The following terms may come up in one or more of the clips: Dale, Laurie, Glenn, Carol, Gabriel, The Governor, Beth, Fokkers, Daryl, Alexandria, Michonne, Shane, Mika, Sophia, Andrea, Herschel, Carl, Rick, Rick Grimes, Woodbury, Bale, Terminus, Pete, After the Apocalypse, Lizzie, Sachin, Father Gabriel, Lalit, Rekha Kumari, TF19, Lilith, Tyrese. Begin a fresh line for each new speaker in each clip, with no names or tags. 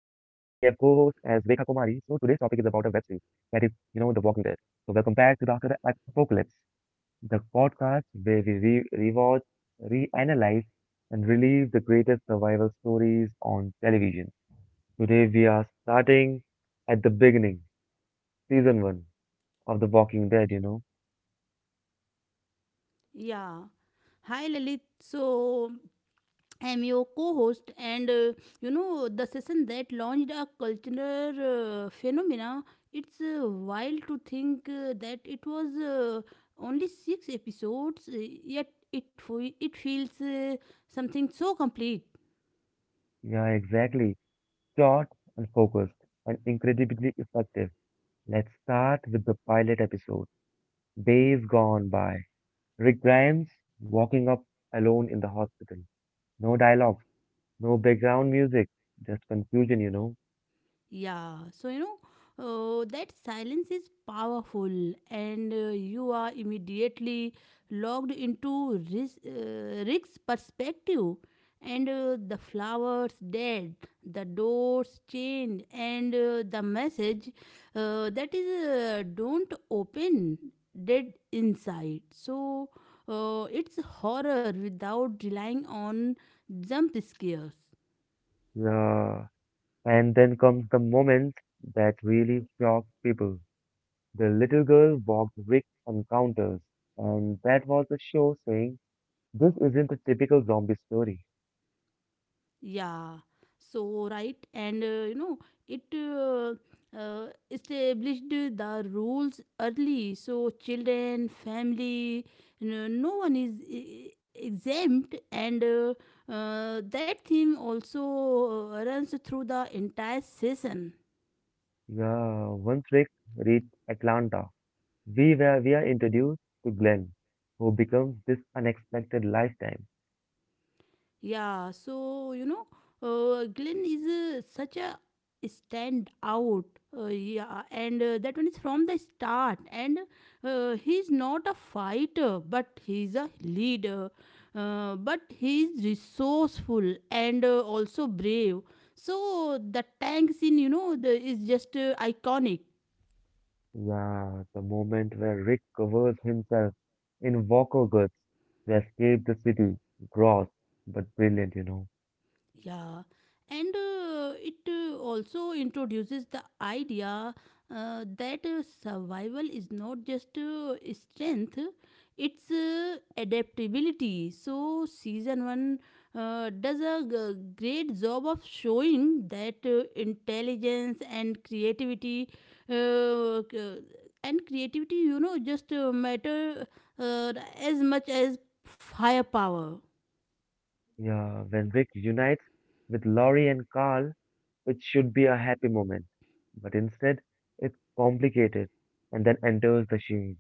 topic is about a web series that is, you know, The Walking Dead. So welcome back to the After the Apocalypse, the podcast where we re rewatch, reanalyze, and relive the greatest survival stories on television. Today we are starting at the beginning, season one of The Walking Dead, you know.
Yeah. Hi, Lalit. I'm your co host, and the session that launched a cultural phenomena. It's wild to think that it was only six episodes, yet it feels something so complete.
Yeah, exactly. Short and focused and incredibly effective. Let's start with the pilot episode. Days gone by. Rick Grimes walking up alone in the hospital. No dialogue, no background music, just confusion, you know.
Yeah, so you know, that silence is powerful, and you are immediately locked into Rick's perspective. And the flowers dead, the doors chained, and the message that is don't open dead inside. So it's horror without relying on jump scares.
Yeah. And then comes the moment that really shocks people. The little girl walked Rick on counters, and that was the show saying, this isn't a typical zombie story.
Yeah, so right, and you know, it Established the rules early, so children, family, no, no one is exempt, and that theme also runs through the entire season.
Yeah, once Rick reached Atlanta, we are introduced to Glenn, who becomes this unexpected lifetime.
Yeah, so you know, Glenn is such a stand out. Yeah, and that one is from the start. And he's not a fighter, but he's a leader. But he's resourceful and also brave. So the tank scene, you know, the, is just iconic.
Yeah, the moment where Rick covers himself in Walker goods to escape the city. Gross, but brilliant, you know.
Yeah, and it also introduces the idea that survival is not just strength, it's adaptability. So, season one does a great job of showing that intelligence and creativity. Uh, c- and creativity, you know, just matter uh, as much as firepower.
Yeah, when Rick unites with Laurie and Carl, it should be a happy moment. But instead, it's complicated and then enters the shade.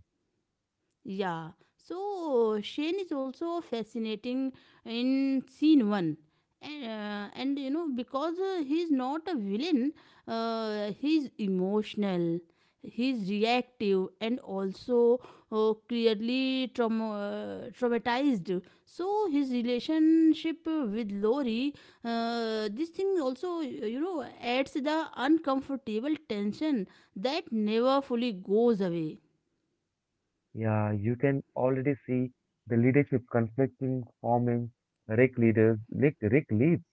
Yeah. So Shane is also fascinating in scene one. And you know because he's not a villain, he's emotional, he's reactive and also clearly traumatized. So his relationship with lori, this thing also, you know, adds the uncomfortable tension that never fully goes away.
Yeah, you can already see the leadership conflicting, forming. Rick leaders, Rick leads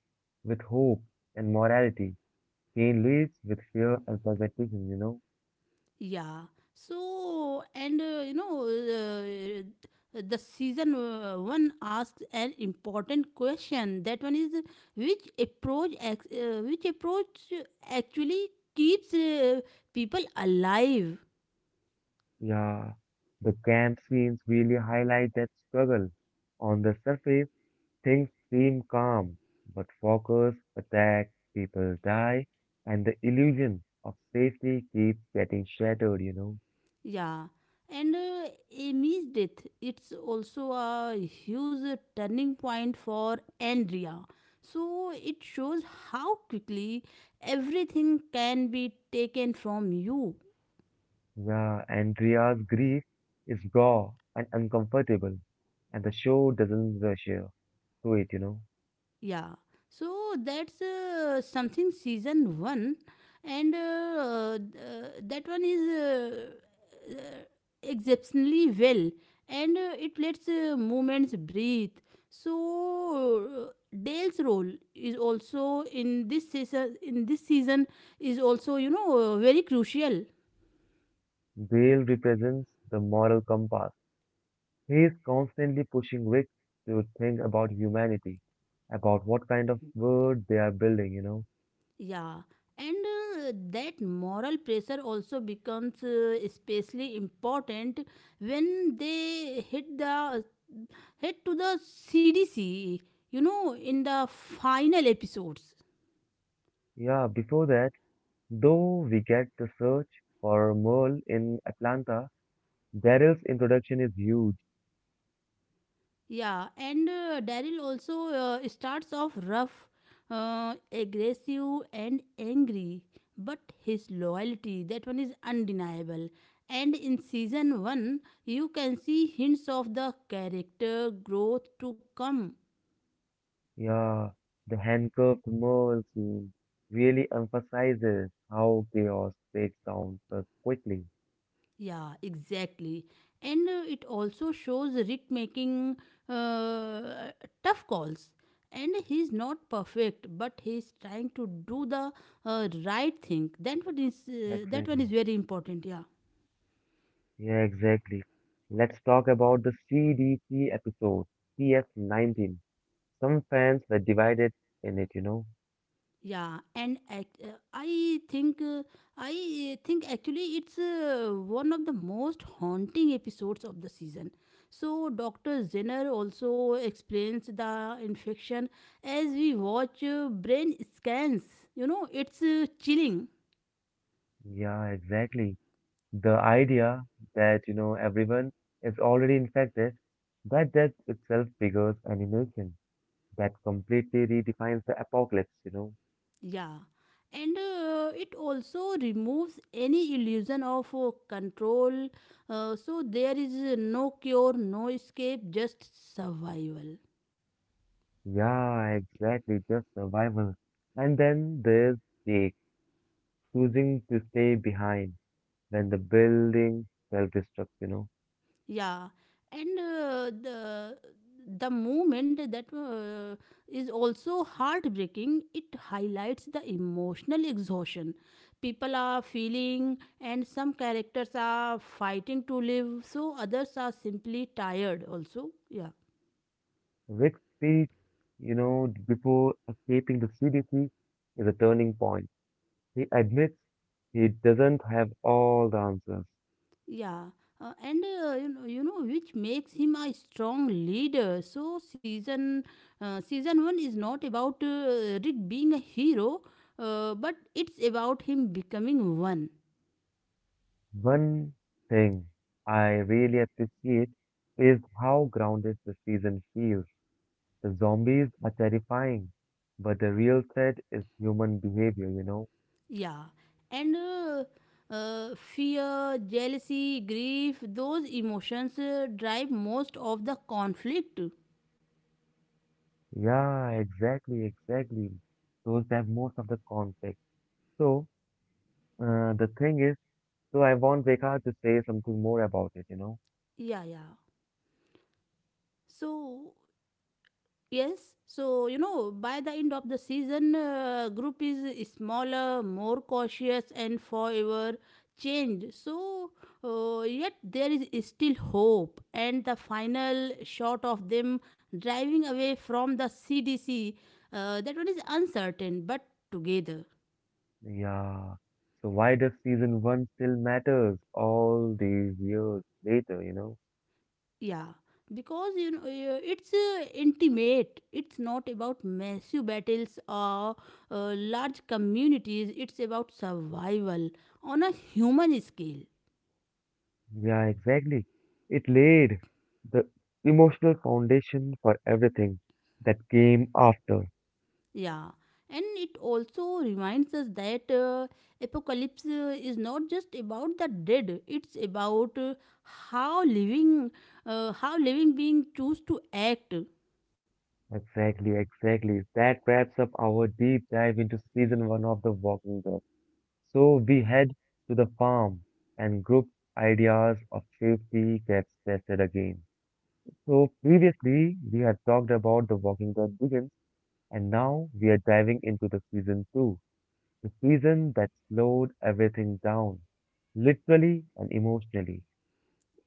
with hope and morality. Kane leads with fear and pragmatism, you know.
Yeah. The season one asks an important question. That one is which approach actually keeps people alive.
Yeah, the camp scenes really highlight that struggle. On the surface, things seem calm, but Fokkers attack, people die, and the illusion of safety keeps getting shattered, you know.
Yeah. And Amy's death, it's also a huge turning point for Andrea. So it shows how quickly everything can be taken from you.
Yeah, Andrea's grief is raw and uncomfortable, and the show doesn't rush you to it, you know.
Yeah, so that's something season one, and that one is exceptionally well, and it lets movements breathe. So Dale's role is also in this season. In this season, is also, you know, very crucial.
Bale represents the moral compass. He is constantly pushing Rick to think about humanity, about what kind of world they are building, you know.
Yeah, and that moral pressure also becomes especially important when they hit the head to the CDC. You know, in the final episodes.
Yeah, before that, though we get the search for Merle in Atlanta, Daryl's introduction is huge.
Yeah, and Daryl also starts off rough, aggressive, and angry. But his loyalty, that one is undeniable. And in season 1, you can see hints of the character growth to come.
Yeah, the handcuffed Merle scene really emphasizes how chaos breaks down so quickly.
Yeah, exactly. And it also shows Rick making uh, tough calls. And he's not perfect, but he's trying to do the right thing. That one is uh, that one
Exactly.
is very important. Yeah.
Yeah, exactly. Let's talk about the CDC episode, TF19. Some fans were divided in it, you know.
Yeah, and act, I think uh, I think actually it's one of the most haunting episodes of the season. So Dr. Zinner also explains the infection as we watch brain scans. You know, it's chilling.
Yeah, exactly. The idea that, you know, everyone is already infected, that that itself triggers animation that completely redefines the apocalypse, you know.
Yeah. And it also removes any illusion of control. So there is no cure, no escape, just survival.
Yeah, exactly, just survival. And then there's Jake choosing to stay behind when the building self-destructs, you know.
Yeah, and the moment that is also heartbreaking, it highlights the emotional exhaustion people are feeling, and some characters are fighting to live, so others are simply tired also. Yeah.
Rick's speech, you know, before escaping the CDC is a turning point. He admits he doesn't have all the answers.
Yeah, and you know, Which makes him a strong leader. So season one is not about Rick being a hero, but it's about him becoming one.
One thing I really appreciate is how grounded the season feels. The zombies are terrifying, but the real threat is human behavior, you know.
Yeah, and fear, jealousy, grief, those emotions drive most of the conflict.
Yeah, exactly, exactly. Those have most of the conflict. So, the thing is, so I want Vekar to say something more about it, you know?
Yeah, yeah. So Yes, so you know, by the end of the season, group is smaller, more cautious, and forever changed. So, yet there is still hope, and the final shot of them driving away from the CDC, that one is uncertain, but together.
Yeah. So why does season one still matters all these years later, you know?
Yeah, because you know it's intimate. It's not about massive battles or large communities. It's about survival on a human scale.
Yeah, exactly. It laid the emotional foundation for everything that came after.
Yeah, and it also reminds us that apocalypse is not just about the dead. It's about how living, how living beings choose to act.
Exactly, exactly. That wraps up our deep dive into season one of The Walking Dead. So we head to the farm and group ideas of safety gets tested again. So previously we have talked about the Walking Dead begins and now we are diving into the season two, the season that slowed everything down, literally and emotionally.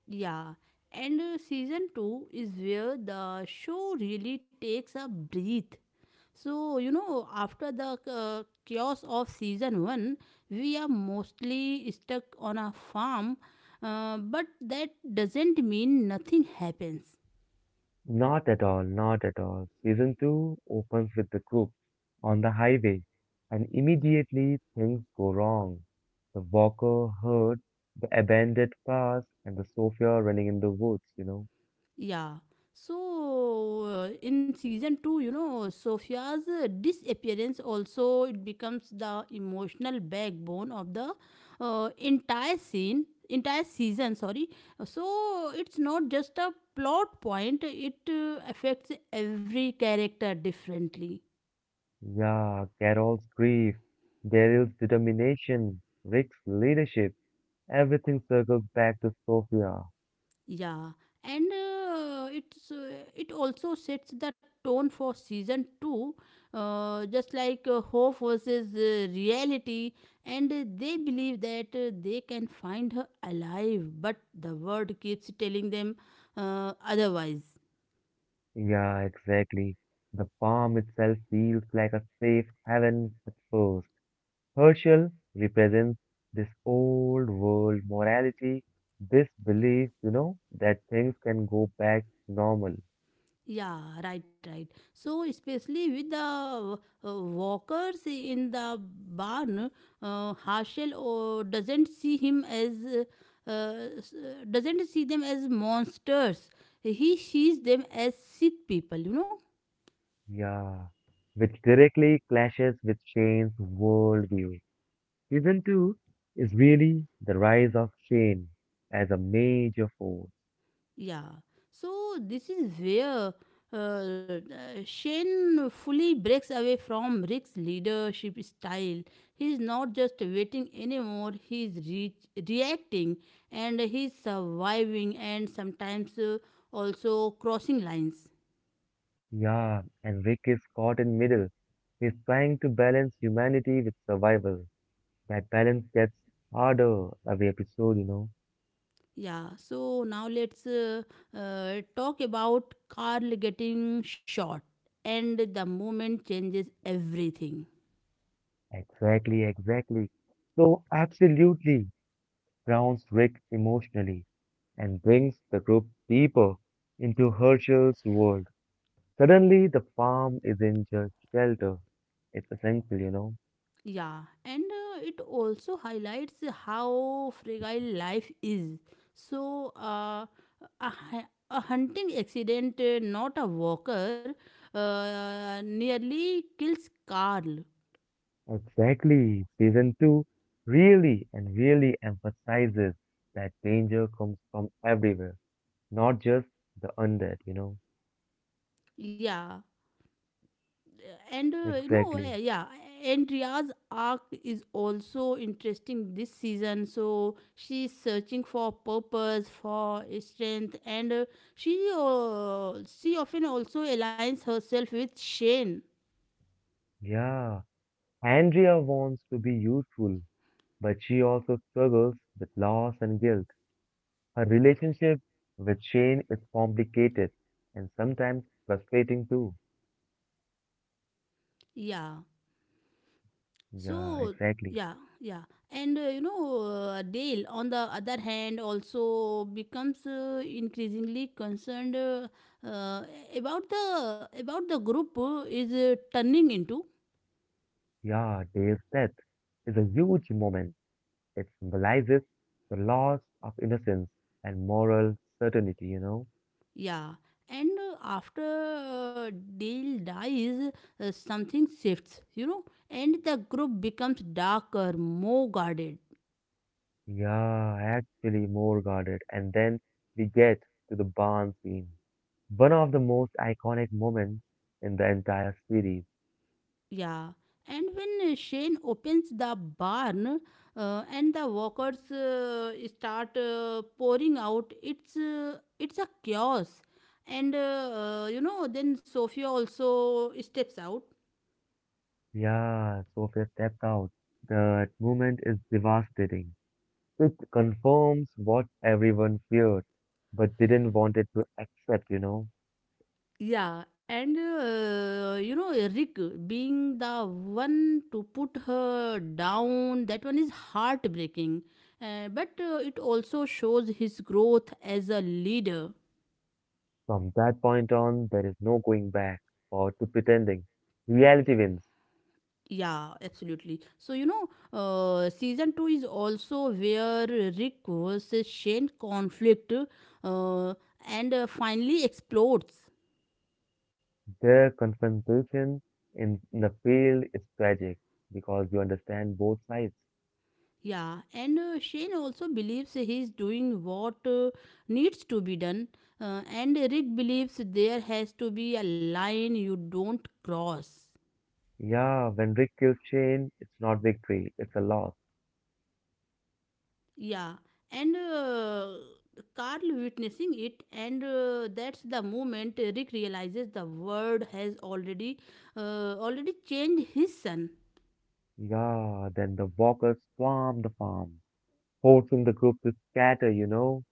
Yeah. And season 2 is where the show really takes a breath. So, you know, after the chaos of season 1, we are mostly stuck on a farm, but that doesn't mean nothing happens.
Not at all, not at all. Season 2 opens with the group on the highway, and immediately things go wrong. The Walker herd, the abandoned cars, and the Sophia running in the woods, you know.
Yeah. So in season 2, you know, Sophia's disappearance also, it becomes the emotional backbone of the entire season, sorry. So it's not just a plot point, it affects every character differently.
Yeah, Carol's grief, Daryl's determination, Rick's leadership, everything circles back to Sophia.
Yeah, and it also sets the tone for season two, just like hope versus reality, and they believe that they can find her alive, but the world keeps telling them otherwise.
Yeah, exactly. The farm itself feels like a safe haven at first. Herschel represents this old world morality, this belief, you know, that things can go back normal.
Yeah, right, right. So, especially with the walkers in the barn, Herschel doesn't see him as uh, s- doesn't see them as monsters. He sees them as sick people. You know.
Yeah. Which directly clashes with Shane's worldview. Season 2 is really the rise of Shane as a major force.
Yeah. So this is where uh, uh, Shane fully breaks away from Rick's leadership style. He's not just waiting anymore, he's reacting, and he's surviving, and sometimes also crossing lines.
Yeah, and Rick is caught in middle. He's trying to balance humanity with survival. That balance gets harder every episode, you know.
Yeah, so now let's talk about Carl getting shot, and the moment changes everything.
Exactly, exactly. So, absolutely grounds Rick emotionally and brings the group deeper into Herschel's world. Suddenly, the farm isn't just shelter, it's essential, you know.
Yeah, and it also highlights how fragile life is. So, a hunting accident, not a walker, nearly kills Carl.
Exactly. Season 2 really and really emphasizes that danger comes from everywhere, not just the undead, you know.
Yeah, and
Exactly.
Andrea's arc is also interesting this season. So she's searching for purpose, for strength, and she often also aligns herself with Shane.
Yeah. Andrea wants to be useful, but she also struggles with loss and guilt. Her relationship with Shane is complicated and sometimes frustrating too.
Yeah.
Yeah,
So
exactly.
yeah, yeah, and you know, Dale on the other hand also becomes increasingly concerned uh, about the about the group is turning into.
Yeah, Dave's death is a huge moment. It symbolizes the loss of innocence and moral certainty, you know?
Yeah, and after Dale dies, something shifts. You know, and the group becomes darker, more guarded.
Yeah, actually more guarded. And then we get to the barn scene. One of the most iconic moments in the entire series.
Yeah, and when Shane opens the barn and the workers start pouring out, it's a chaos. And you know, then Sophia also steps out.
Yeah, Sophia steps out. That moment is devastating. It confirms what everyone feared, but didn't want it to accept, you know.
Yeah, and you know, Rick being the one to put her down, that one is heartbreaking. But it also shows his growth as a leader.
From that point on, there is no going back or to pretending. Reality wins.
Yeah, absolutely. So, you know, season 2 is also where Rick versus Shane conflict uh, and finally explodes.
Their confrontation in the field is tragic because you understand both sides.
Yeah, and Shane also believes he's doing what needs to be done, and Rick believes there has to be a line you don't cross.
Yeah, when Rick kills Shane, it's not victory, it's a loss.
Yeah, and Carl witnessing it, and that's the moment Rick realizes the world has already already changed his son.
Yeah, then the walkers swarm the farm, forcing the group to scatter, you know?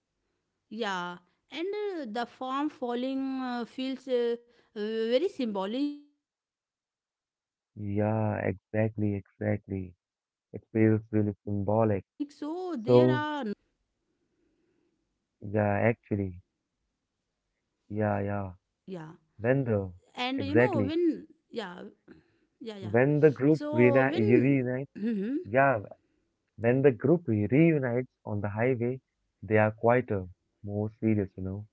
Yeah, and the farm falling feels very symbolic. So there are no permanent
Yeah,
safe places
exactly,
anymore. Yeah,
exactly. It feels really symbolic. So, yeah, actually,
yeah,
yeah, yeah.
and you
When
know
the,
when yeah
exactly,
yeah yeah. So
when the group
when.
reuni
Mhm.
reunites, yeah, when the group reunites on the highway, they are quieter, more serious, you know.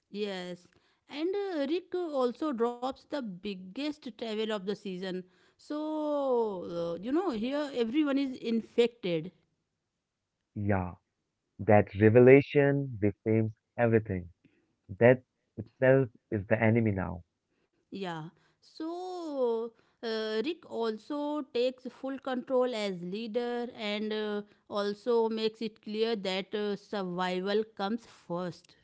Yes, and Rick also drops the biggest travel of the season. So, you know, here everyone is infected.
Yeah, that revelation reframes everything. Death itself is the enemy now.
Yeah. So, Rick also takes full control as leader, and also makes it clear that survival comes first.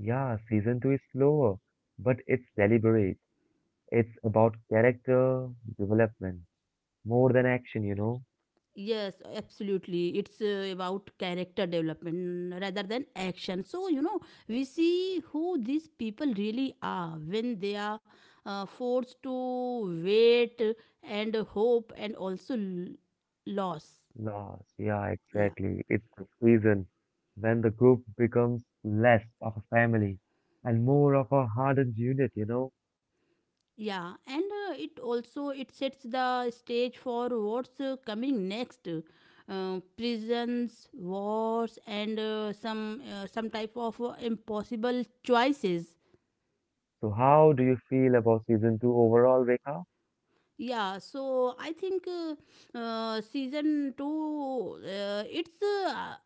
Yeah, season two is slower, but it's deliberate. It's about character development more than action, you know.
Yes, absolutely. It's about character development rather than action. So, you know, we see who these people really are when they are forced to wait and hope and also loss.
Loss, yeah,
Yeah.
exactly. It's the season when the group becomes less of a family and more of a hardened unit, you know.
Yeah, and it also it sets the stage for what's coming next. Prisons, wars, and some type of impossible choices.
So how do you feel about season two overall, Rekha?
I think season two it's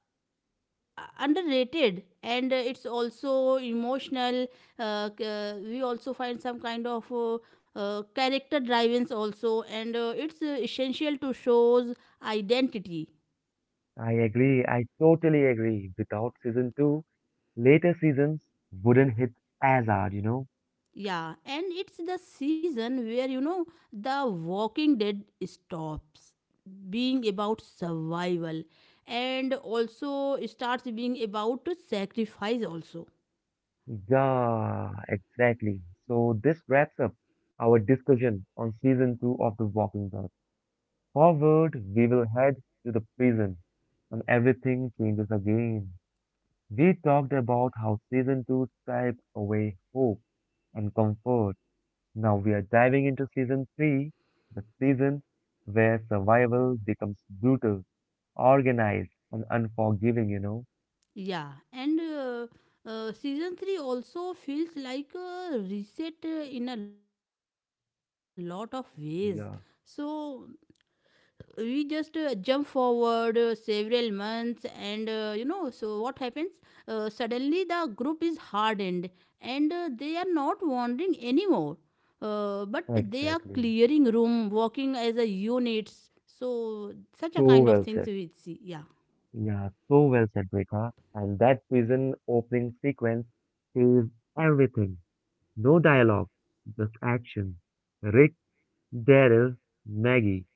underrated and it's also emotional. We also find some kind of character driven also, and it's essential to shows identity.
I agree. I totally agree. Without season two, later seasons wouldn't hit as hard, you know.
Yeah, and it's the season where you know The Walking Dead stops being about survival and also starts being about sacrifice also.
Yeah, exactly. So this wraps up our discussion on season two of The Walking Dead. Forward, we will head to the prison and everything changes again. We talked about how season 2 stripped away hope and comfort. Now we are diving into season 3, the season where survival becomes brutal, organized, and unforgiving, you know?
Yeah, and season 3 also feels like a reset in a lot of ways. So
Yeah,
we just jump forward several months, and you know, so what happens suddenly the group is hardened, and they are not wandering anymore, but they are clearing
exactly.
room working as a units, so such a kind of
So
things
well
we
said.
see. Yeah.
Yeah, so well said, Rekha. And that season opening sequence says everything. No dialogue, just action. Rick, Daryl, Maggie.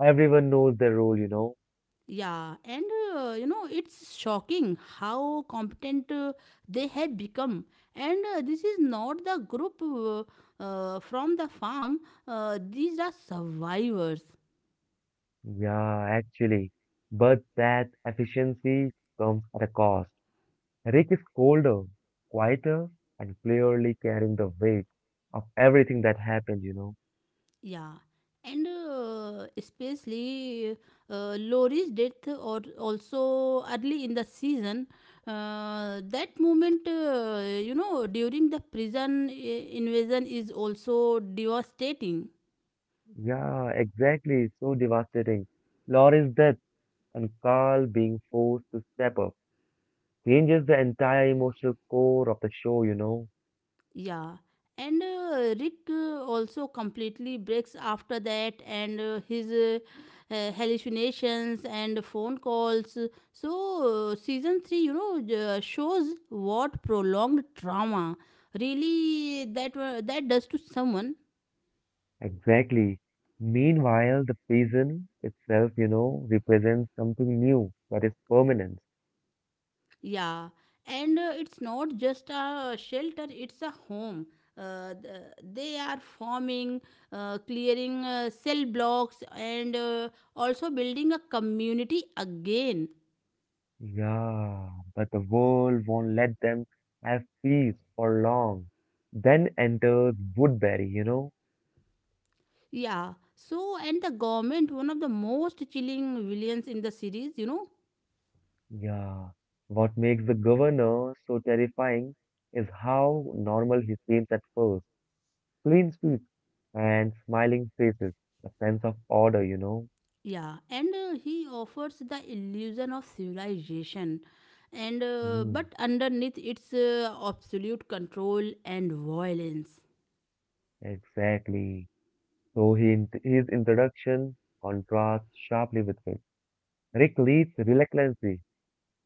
Everyone knows their role, you know.
Yeah, and you know, it's shocking how competent they have become. And this is not the group from the farm, these are survivors.
Yeah, actually. But that efficiency comes at a cost. Rick is colder, quieter, and clearly carrying the weight of everything that happened, you know.
Yeah, and especially Lori's death, or also early in the season, that moment, you know, during the prison invasion, is also devastating.
Yeah, exactly. It's so devastating. Laurie's death and Carl being forced to step up changes the entire emotional core of the show, you know.
Yeah, and Rick also completely breaks after that, and his hallucinations and phone calls. So, season three, shows what prolonged trauma really that does to someone.
Exactly. Meanwhile, the prison itself, you know, represents something new that is permanent.
Yeah, and it's not just a shelter, it's a home. They are farming, clearing cell blocks, and also building a community again.
Yeah, but the world won't let them have peace for long. Then enters Woodbury, you know?
Yeah, so and the government, one of the most chilling villains in the series.
Yeah. What makes the governor so terrifying is how normal he seems at first. Clean sweep and smiling faces, a sense of order, you know?
Yeah, and he offers the illusion of civilization, and
Hmm,
but underneath it's absolute control and violence.
exactly. So he, int- his introduction contrasts sharply with it. Rick leads reluctantly.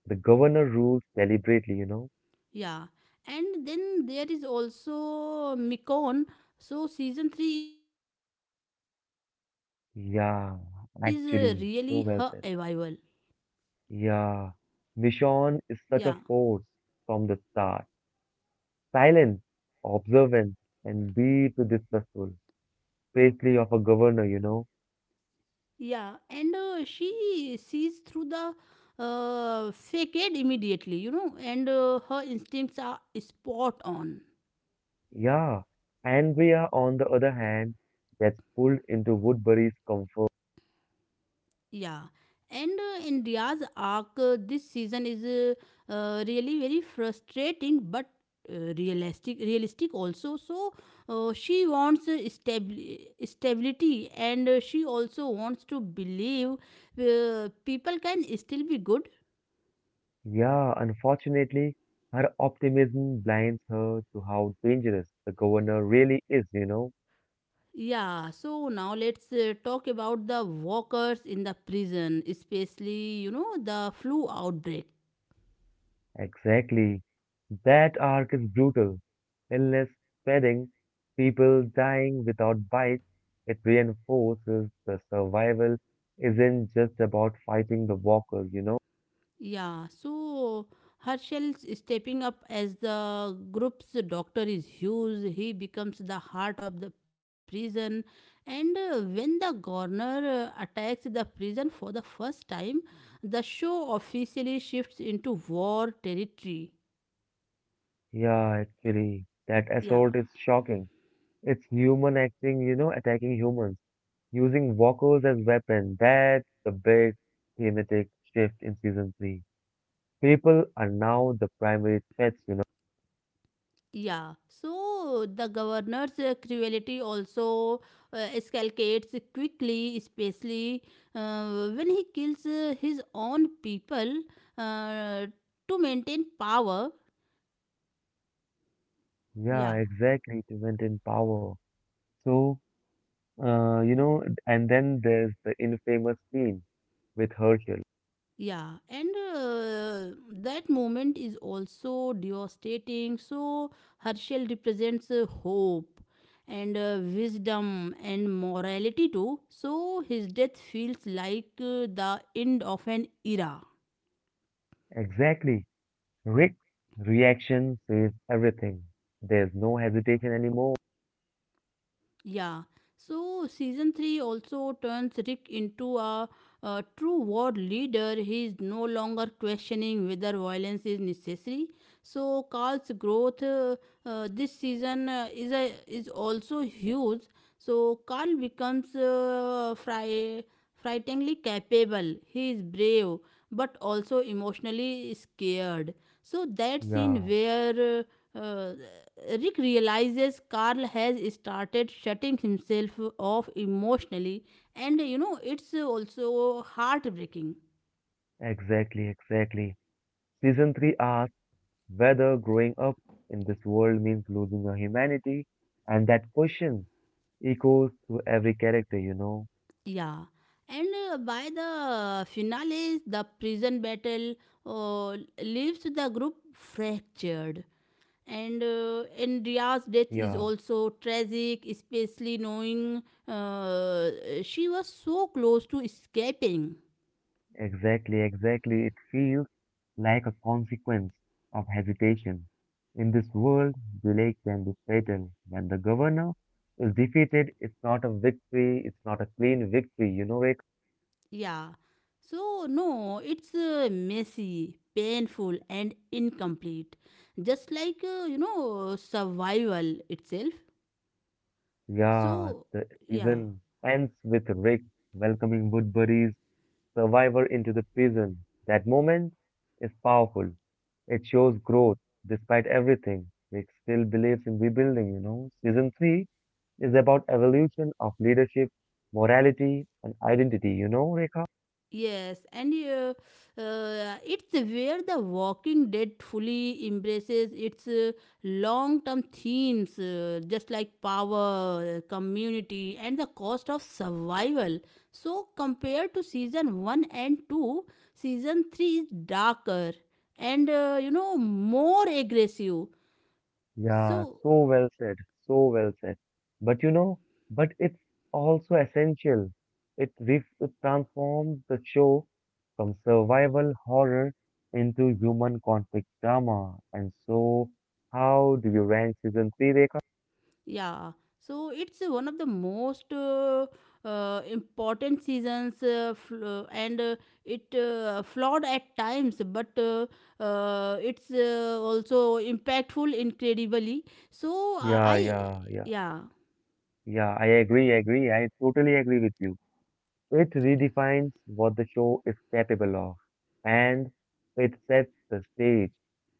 The governor rules deliberately, you know?
Yeah, and then there is also Mikon. So season three is really her arrival.
Yeah, actually, so well said.
Yeah,
Yeah, Michonne is such a force from the start. Silent, observant, and deeply distrustful, especially of a governor, you know.
yeah, and she sees through the facade immediately, and her instincts are spot on.
Yeah, Andrea, on the other hand, gets pulled into Woodbury's comfort.
Yeah, and India's arc this season is really very frustrating, but realistic. Realistic also. So she wants stability, and she also wants to believe people can still be good.
Yeah, unfortunately, her optimism blinds her to how dangerous the governor really is, you know.
Yeah, so now let's talk about the walkers in the prison, especially, the flu outbreak.
Exactly. That arc is brutal. Illness spreading, people dying without bites, it reinforces the survival isn't just about fighting the walkers, you know?
Yeah, so Herschel's stepping up as the group's doctor is huge. He becomes the heart of the prison. And when the governor attacks the prison for the first time, the show officially shifts into war territory.
Yeah, actually, that
Yeah.
assault is shocking. It's human acting, you know, attacking humans, using walkers as weapons. That's the big thematic shift in season three. People are now the primary threats, you know?
Yeah, so the governor's cruelty also escalates quickly, especially when he kills his own people uh, to maintain power.
Yeah,
Yeah,
exactly, to maintain power. So, you know, and then there's the infamous scene with Herschel.
yeah, and that moment is also devastating. So Herschel represents hope and wisdom and morality too. So his death feels like the end of an era.
Exactly. Rick's reaction says everything. There's no hesitation anymore.
Yeah. So season 3 also turns Rick into a true war leader. He is no longer questioning whether violence is necessary. So Carl's growth this season is also huge. So Carl becomes frighteningly capable. He is brave but also emotionally scared. So that scene
Yeah,
where uh, uh, Rick realizes Carl has started shutting himself off emotionally, and it's also heartbreaking.
exactly, exactly. Season 3 asks whether growing up in this world means losing your humanity, and that question echoes through every character, you know.
Yeah, and by the finale, the prison battle leaves the group fractured. And Andrea's death is
Yeah.
also tragic, especially knowing she was so close to escaping.
Exactly, exactly. It feels like a consequence of hesitation. In this world, delay can be fatal. When the governor is defeated, it's not a victory, it's not a clean victory, you know, Rick?
Yeah. So, no, it's messy, painful, and incomplete. Just like, survival itself.
Yeah,
So,
the
yeah.
season ends with Rick welcoming Woodbury's survivor into the prison. That moment is powerful. It shows growth despite everything. Rick still believes in rebuilding, you know. Season 3 is about evolution of leadership, morality, and identity. You know, Rekha?
Yes, and it's where The Walking Dead fully embraces its long term themes, just like power, community, and the cost of survival. So, compared to season 1 and 2, season 3 is darker and more aggressive.
Yeah,
So,
so well said, so well said. But you know, but it's also essential. It, re- it transforms the show from survival horror into human conflict drama. And so, how do you rank season three, Rekha?
yeah, so it's one of the most important seasons, and it flawed at times, but it's also impactful incredibly. So
Yeah,
I,
yeah, yeah,
yeah,
yeah. I agree, I agree. I totally agree with you. It redefines what the show is capable of, and it sets the stage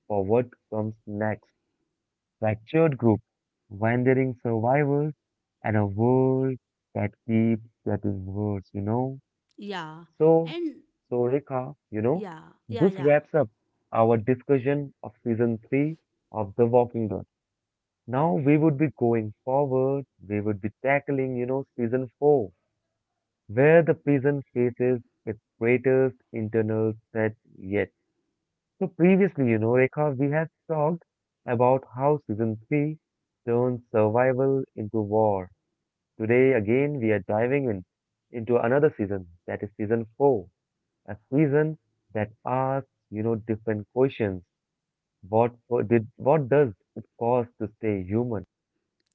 for what comes next. Fractured group, wandering survivors, and a world that keeps getting worse, you know?
yeah,
So,
and
so Rika, you know,
yeah, yeah,
this
yeah.
wraps up our discussion of season 3 of The Walking Dead. Now we would be going forward, we would be tackling, you know, season 4 where the prison faces its greatest internal threat yet. So previously, you know, Rekha, we had talked about how season 3 turns survival into war. Today, again, we are diving in into another season, that is season 4, a season that asks, you know, different questions. What for- did what does it cost to stay human?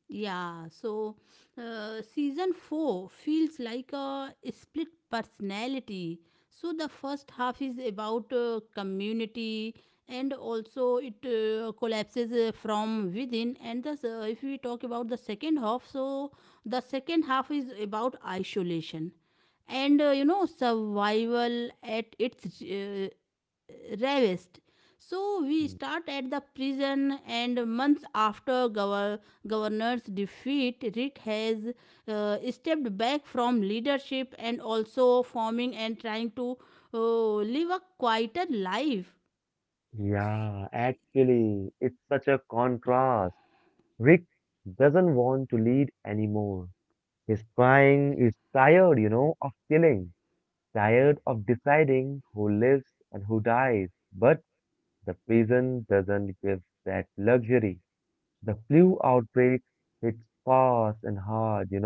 Yeah, so season 4 feels like a split personality. So the first half is about community and also it collapses from within, and if we talk about the second half, so the second half is about isolation and survival at its ravished. So we start at the prison, and months after governor's defeat, Rick has stepped back from leadership and also forming and trying to live a quieter life.
Yeah, actually, it's such a contrast. Rick doesn't want to lead anymore. His crying is tired, you know, of killing, tired of deciding who lives and who dies. But the prison doesn't give that luxury. The flu outbreak hits fast and hard, you know.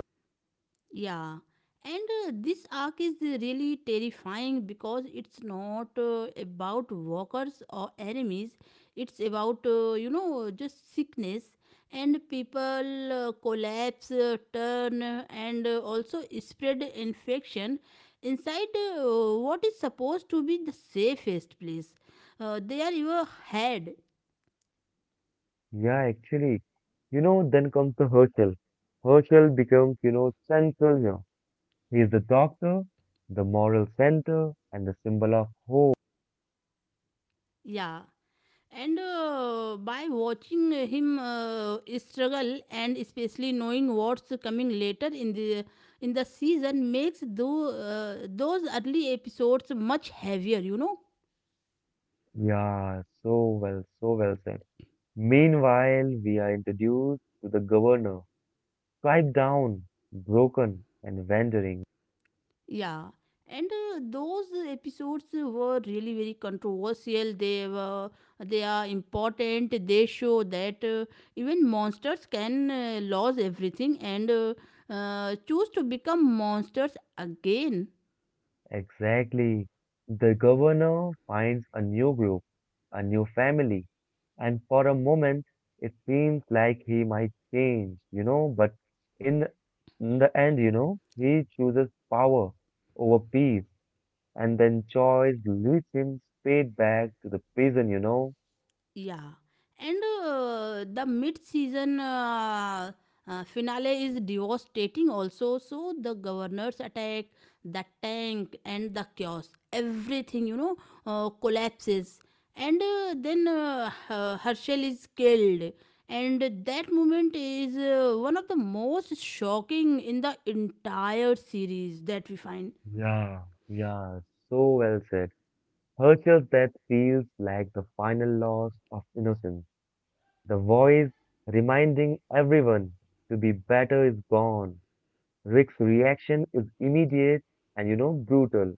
Yeah, and this arc is really terrifying because it's not about walkers or enemies. It's about, just sickness and people collapse, turn, and also spread infection inside uh, what is supposed to be the safest place. They are your head.
Yeah, actually, you know, then comes the Herschel. Herschel becomes, you know, central here. He is the doctor, the moral center, and the symbol of hope.
Yeah. And by watching him struggle, and especially knowing what's coming later in the season makes those early episodes much heavier.
Yeah, so well said. Meanwhile, we are introduced to the governor, stripped down, broken, and wandering.
Yeah, and those episodes were really very controversial. They are important. They show that even monsters can lose everything and choose to become monsters again.
Exactly. The governor finds a new group, a new family, and for a moment it seems like he might change, you know, but in, in the end, you know, he chooses power over peace, and then choice leads him straight back to the prison, you know.
Yeah, and the mid-season finale is devastating. Also, so the governors attack the tank and the chaos. Everything collapses, and then Herschel is killed. And that moment is one of the most shocking in the entire series that we find.
Yeah. Yeah, so well said. Herschel's death feels like the final loss of innocence. The voice reminding everyone to be better is gone. Rick's reaction is immediate and, you know, brutal.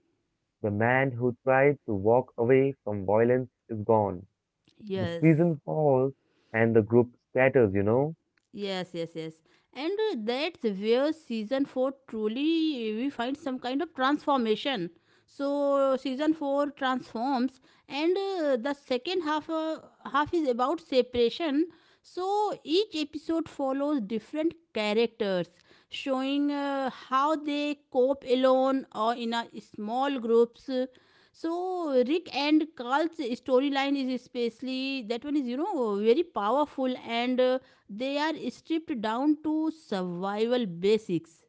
The man who tried to walk away from violence is gone. The
Yes.
prison falls and the group scatters, you know.
Yes, yes, yes. And that's where season 4 truly we find some kind of transformation. So season 4 transforms, and the second half is about separation. So each episode follows different characters, showing how they cope alone or in a small groups. So Rick and Carl's storyline is especially that one is, very powerful, and they are stripped down to survival basics.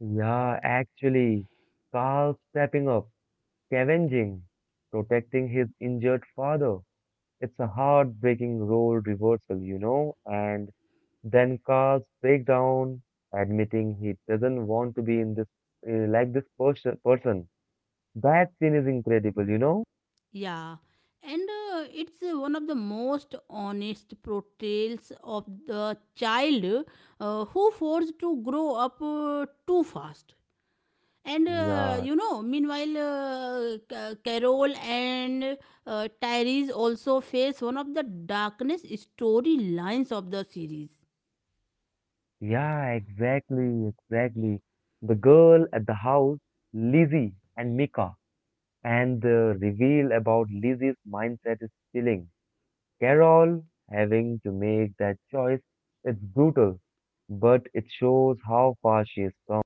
Yeah, actually, Carl stepping up, scavenging, protecting his injured father. It's a heartbreaking role reversal, you know, and then cars breaks down, admitting he doesn't want to be in this like this person. That scene is incredible, you know?
Yeah, and it's one of the most honest portrayals of the child who forced to grow up too fast. And
Yeah,
meanwhile, Carol and Tyrese also face one of the darkness storylines of the series.
yeah, exactly. The girl at the house, Lizzie and Mika, and the reveal about Lizzie's mindset is chilling. Carol having to make that choice, it's brutal, but it shows how far she has come.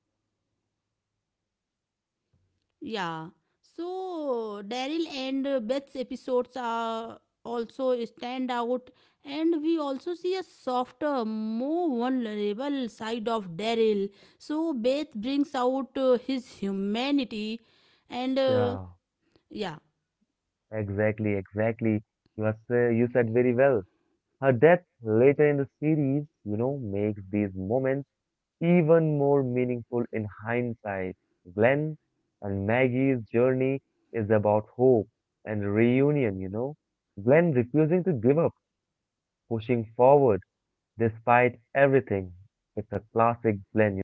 Yeah. So, Daryl and Beth's episodes are also stand out, and we also see a softer, more vulnerable side of Daryl. So, Beth brings out his humanity, and
Yeah,
yeah.
exactly. You said very well. Her death later in the series, you know, makes these moments even more meaningful in hindsight. Glenn and Maggie's journey is about hope and reunion, you know. Glenn refusing to give up, pushing forward despite everything. It's a classic Glenn.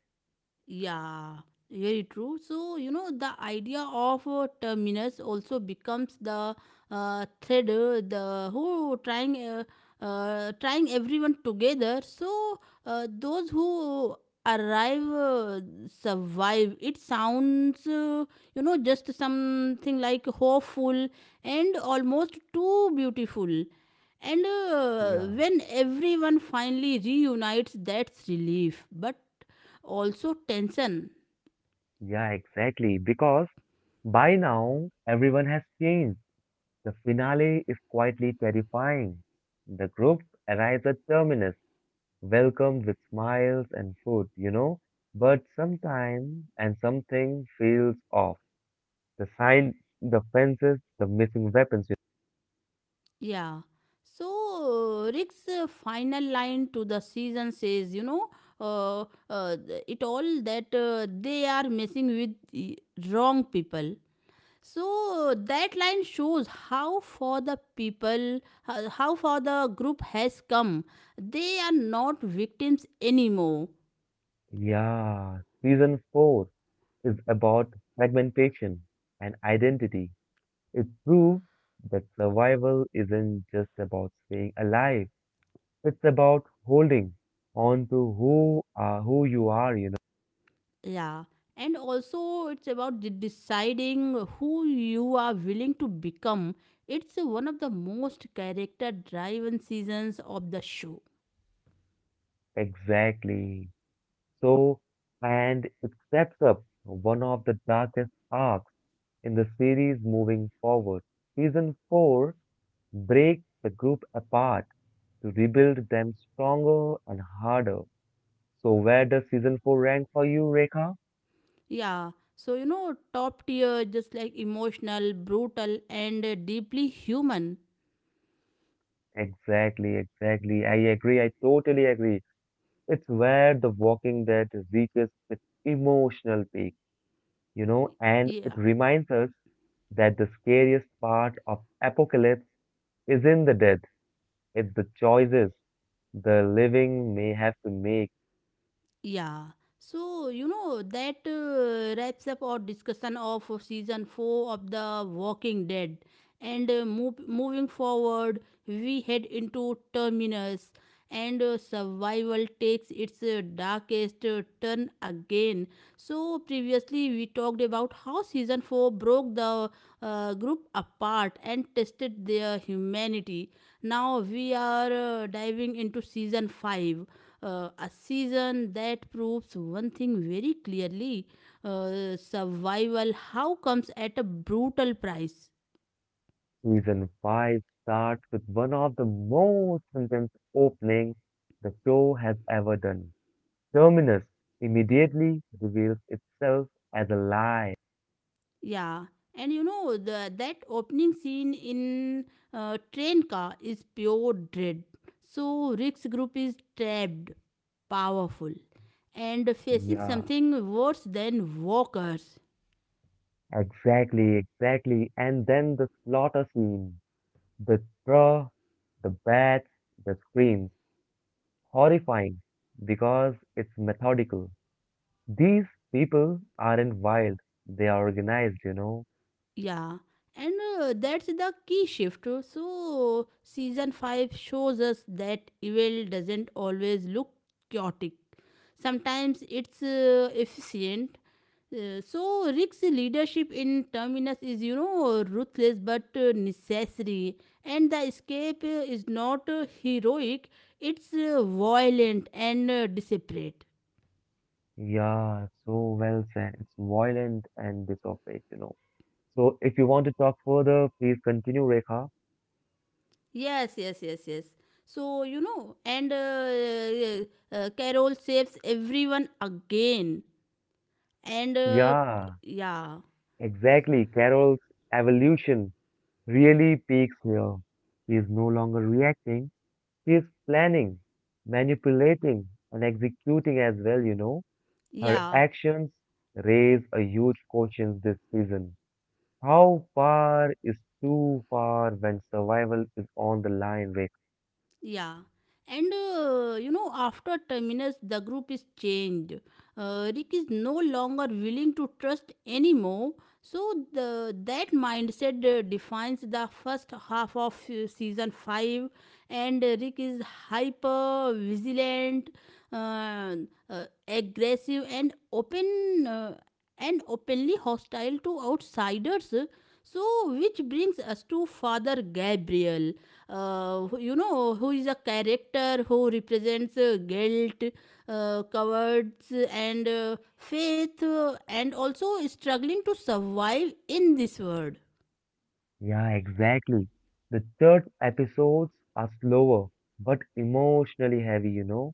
Yeah, very true. So, the idea of terminus also becomes the thread, the who trying trying everyone together. So, those who arrive survive. It sounds, just something like hopeful and almost too beautiful. And
Yeah,
when everyone finally reunites, that's relief. But also tension.
yeah, exactly. Because by now, everyone has changed. The finale is quietly terrifying. The group arrives at Terminus welcomed with smiles and food, you know. But sometimes and something feels off. The sign, the fences, the missing weapons.
Yeah. So Rick's final line to the season says, you know, uh, th- it all that they are messing with the wrong people. So that line shows how far the group has come. They are not victims anymore.
Yeah, season four is about fragmentation and identity. It proves that survival isn't just about staying alive. It's about holding on to who you are, you
Yeah. And also, it's about deciding who you are willing to become. It's one of the most character driven seasons of the show.
know. Exactly. So, and it sets up one of the darkest arcs in the series moving forward. Season 4 breaks the group apart to rebuild them stronger and harder. So where does season 4 rank for you, Rekha?
Yeah. So, top tier, just like emotional, brutal, and deeply human.
Exactly. I agree. I totally agree. It's where The Walking Dead reaches its emotional peak, you know, and it
Yeah.
reminds us that the scariest part of apocalypse is in the death, it's the choices the living may have to make.
Yeah. So, that wraps up our discussion of season 4 of The Walking Dead. And moving forward, we head into Terminus, and survival takes its darkest turn again. So, previously, we talked about how season 4 broke the group apart and tested their humanity. Now, we are diving into season 5, a season that proves one thing very clearly: survival how comes at a brutal price.
Season 5 starts with one of the most intense openings the show has ever done. Terminus immediately reveals itself as a lie.
Yeah. And that opening scene in train car is pure dread. So Rick's group is trapped, powerful, and facing
Yeah,
something worse than walkers.
exactly. And then the slaughter scene. The straw, the bats, the screams. Horrifying because it's methodical. These people aren't wild, they are organized, you know.
Yeah, and that's the key shift. So, season 5 shows us that evil doesn't always look chaotic, sometimes it's efficient. So, Rick's leadership in Terminus is, ruthless but necessary, and the escape is not heroic, it's violent and desperate.
Yeah, so well said. It's violent and disoperate, you know. So if you want to talk further, please continue, Rekha.
Yes, yes, yes, yes. So, and Carol saves everyone again. And
Yeah,
yeah,
exactly. Carol's evolution really peaks here. He is no longer reacting, he is planning, manipulating, and executing as well, you know. Her
yeah.
actions raise a huge question this season. How far is too far when survival is on the line, Rekha?
Yeah. And after Terminus, the group is changed. Rick is no longer willing to trust anymore. So that mindset defines the first half of season five, and Rick is hyper vigilant, uh, aggressive, and openly hostile to outsiders. So, which brings us to Father Gabriel, who is a character who represents guilt, cowards, and faith, and also struggling to survive in this world.
Yeah, exactly. The third episodes are slower but emotionally heavy, you know.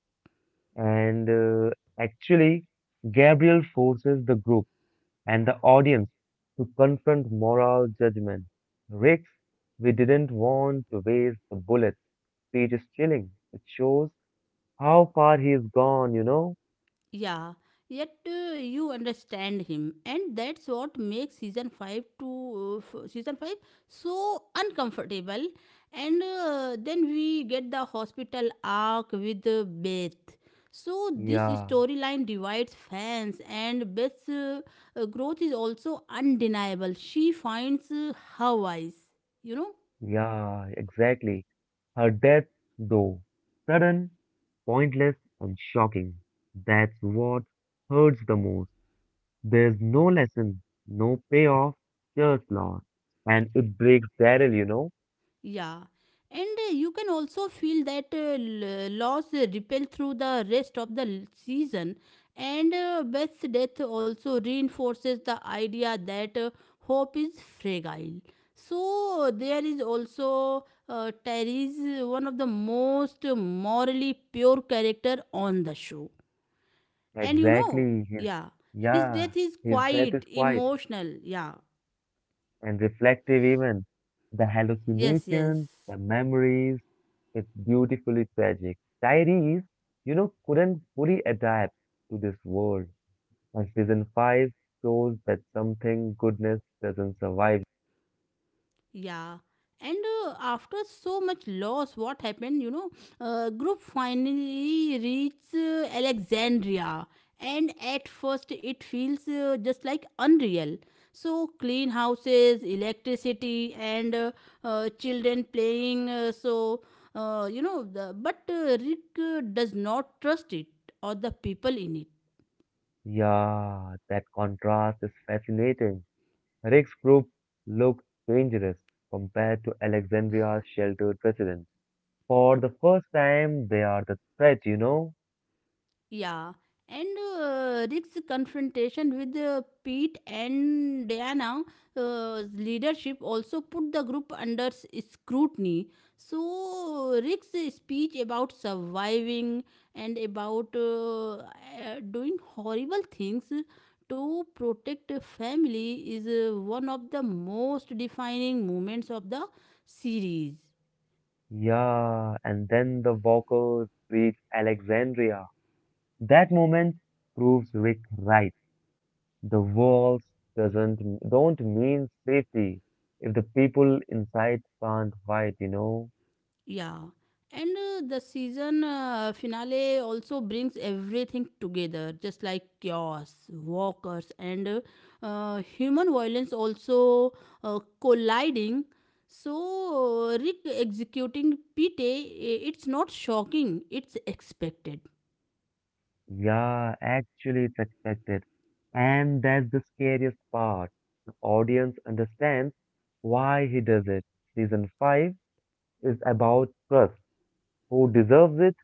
And Actually, Gabriel forces the group and the audience to confront moral judgment. Rick's "We didn't want to waste the bullet" speech is chilling. It shows how far he's gone, you know.
Yeah, yet you understand him, and that's what makes season five so uncomfortable. And then we get the hospital arc with Beth. So this
Yeah.
storyline divides fans, and Beth's growth is also undeniable. She finds her voice, you know.
Yeah, exactly. Her death, though, sudden, pointless, and shocking. That's what hurts the most. There's no lesson, no payoff, just loss. And it breaks Daryl, you know?
Yeah, and you can also feel that loss ripple through the rest of the season. And Beth's death also reinforces the idea that hope is fragile. So there is also Terry's one of the most morally pure character on the show. And
Exactly. His,
yeah, his death
yeah,
is
his death
quite
is quiet
emotional. Yeah,
and reflective, even. The
yes, yes.
hallucinations, the memories, it's beautifully tragic. Tyrese, you know, couldn't fully adapt to this world. And season 5 shows that something goodness doesn't survive.
Yeah. And after so much loss, what happened? Group finally reached Alexandria, and at first it feels just like unreal. So clean houses, electricity, and children playing. But Rick does not trust it or the people in it.
Yeah, that contrast is fascinating. Rick's group looked dangerous compared to Alexandria's sheltered residents. For the first time, they are the threat, you know?
Yeah, and Rick's confrontation with Pete and Diana's leadership also put the group under scrutiny. So, Rick's speech about surviving and about doing horrible things to protect a family is one of the most defining moments of the series.
Yeah, and then the walkers reach Alexandria. That moment proves Rick right. The walls doesn't don't mean safety if the people inside can't fight, you know.
Yeah, and the season finale also brings everything together, just like chaos, walkers, and human violence also colliding. So, Rick executing Pete, it's not shocking, it's expected.
Yeah, actually, it's expected. And that's the scariest part. The audience understands why he does it. Season 5 is about trust, who deserves it,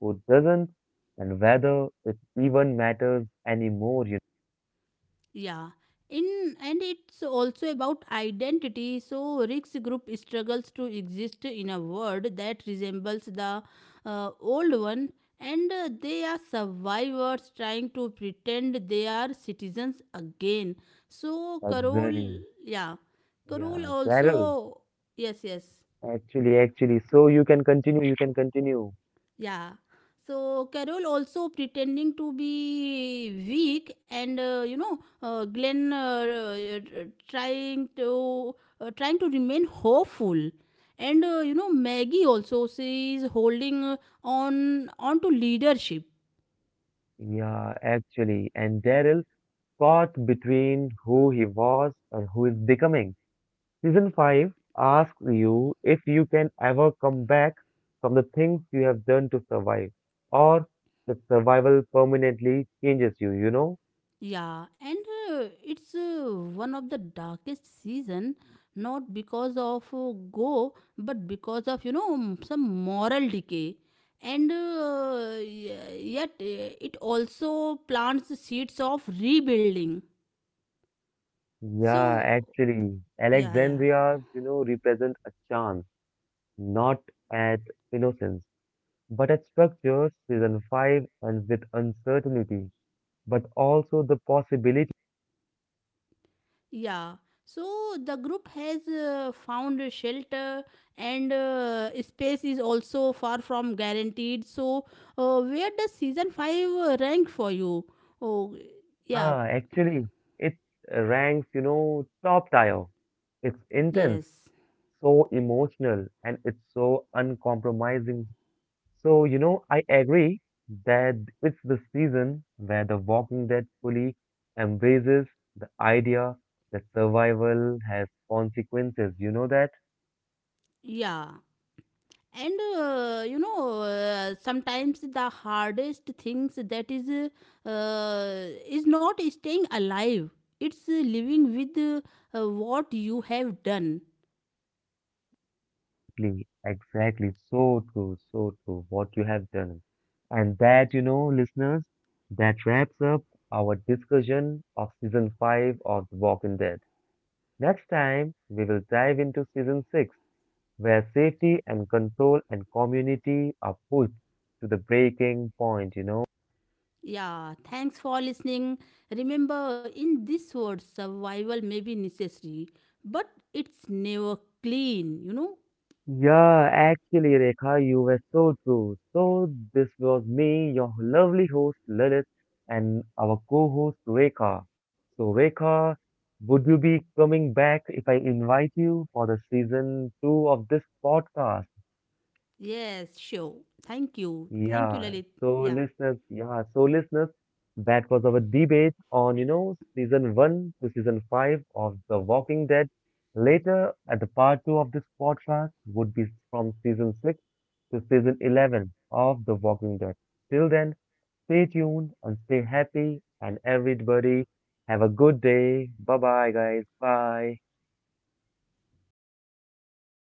who doesn't, and whether it even matters anymore, you
Yeah. In and it's also about identity. So Rick's group struggles to exist in a world that resembles the old one, and they are survivors trying to pretend they are citizens again. So
know.
Carol,
Exactly.
yeah, Carol
Yeah, Carol,
also, yes, yes.
actually. So you can continue.
Yeah. So Carol also pretending to be weak, and Glenn trying to remain hopeful, and Maggie also she is holding on to leadership.
Yeah, actually. And Daryl caught between who he was and who is becoming. Season 5 asks you if you can ever come back from the things you have done to survive, or the survival permanently changes you, you know?
Yeah, and it's one of the darkest season, not because of but because of some moral decay, and yet it also plants the seeds of rebuilding.
Yeah,
So
actually,
yeah, yeah.
Alexandria's, you know, represent a chance, not at innocence, but at structure. Season 5 ends with uncertainty, but also the possibility.
Yeah. So the group has found a shelter, and space is also far from guaranteed. So where does season 5 rank for you? Oh, yeah.
Ah, actually, it ranks, you know, top tier. It's intense,
Yes.
so emotional and it's so uncompromising. So, you know, I agree that it's the season where The Walking Dead fully embraces the idea that survival has consequences. You know that?
Yeah. And sometimes the hardest things that is not staying alive. It's living with what you have done.
Exactly. So true. What you have done. And that, you know, listeners, that wraps up our discussion of season 5 of The Walking Dead. Next time, we will dive into season 6 where safety and control and community are pushed to the breaking point, you know.
Yeah, thanks for listening. Remember, in this world, survival may be necessary, but it's never clean, you know?
Yeah, actually, Rekha, you were so true. So, this was me, your lovely host, Lilith, and our co-host, Rekha. So, Rekha, would you be coming back if I invite you for the season two of this podcast?
Yes, sure. Thank you. Thank you,
Yeah.
Lalit.
So
Yeah.
listeners, yeah. So listeners, that was our debate on, you know, season one to season five of The Walking Dead. Later, at the part two of this podcast would be from season six to season 11 of The Walking Dead. Till then, stay tuned and stay happy and everybody have a good day. Bye bye guys. Bye.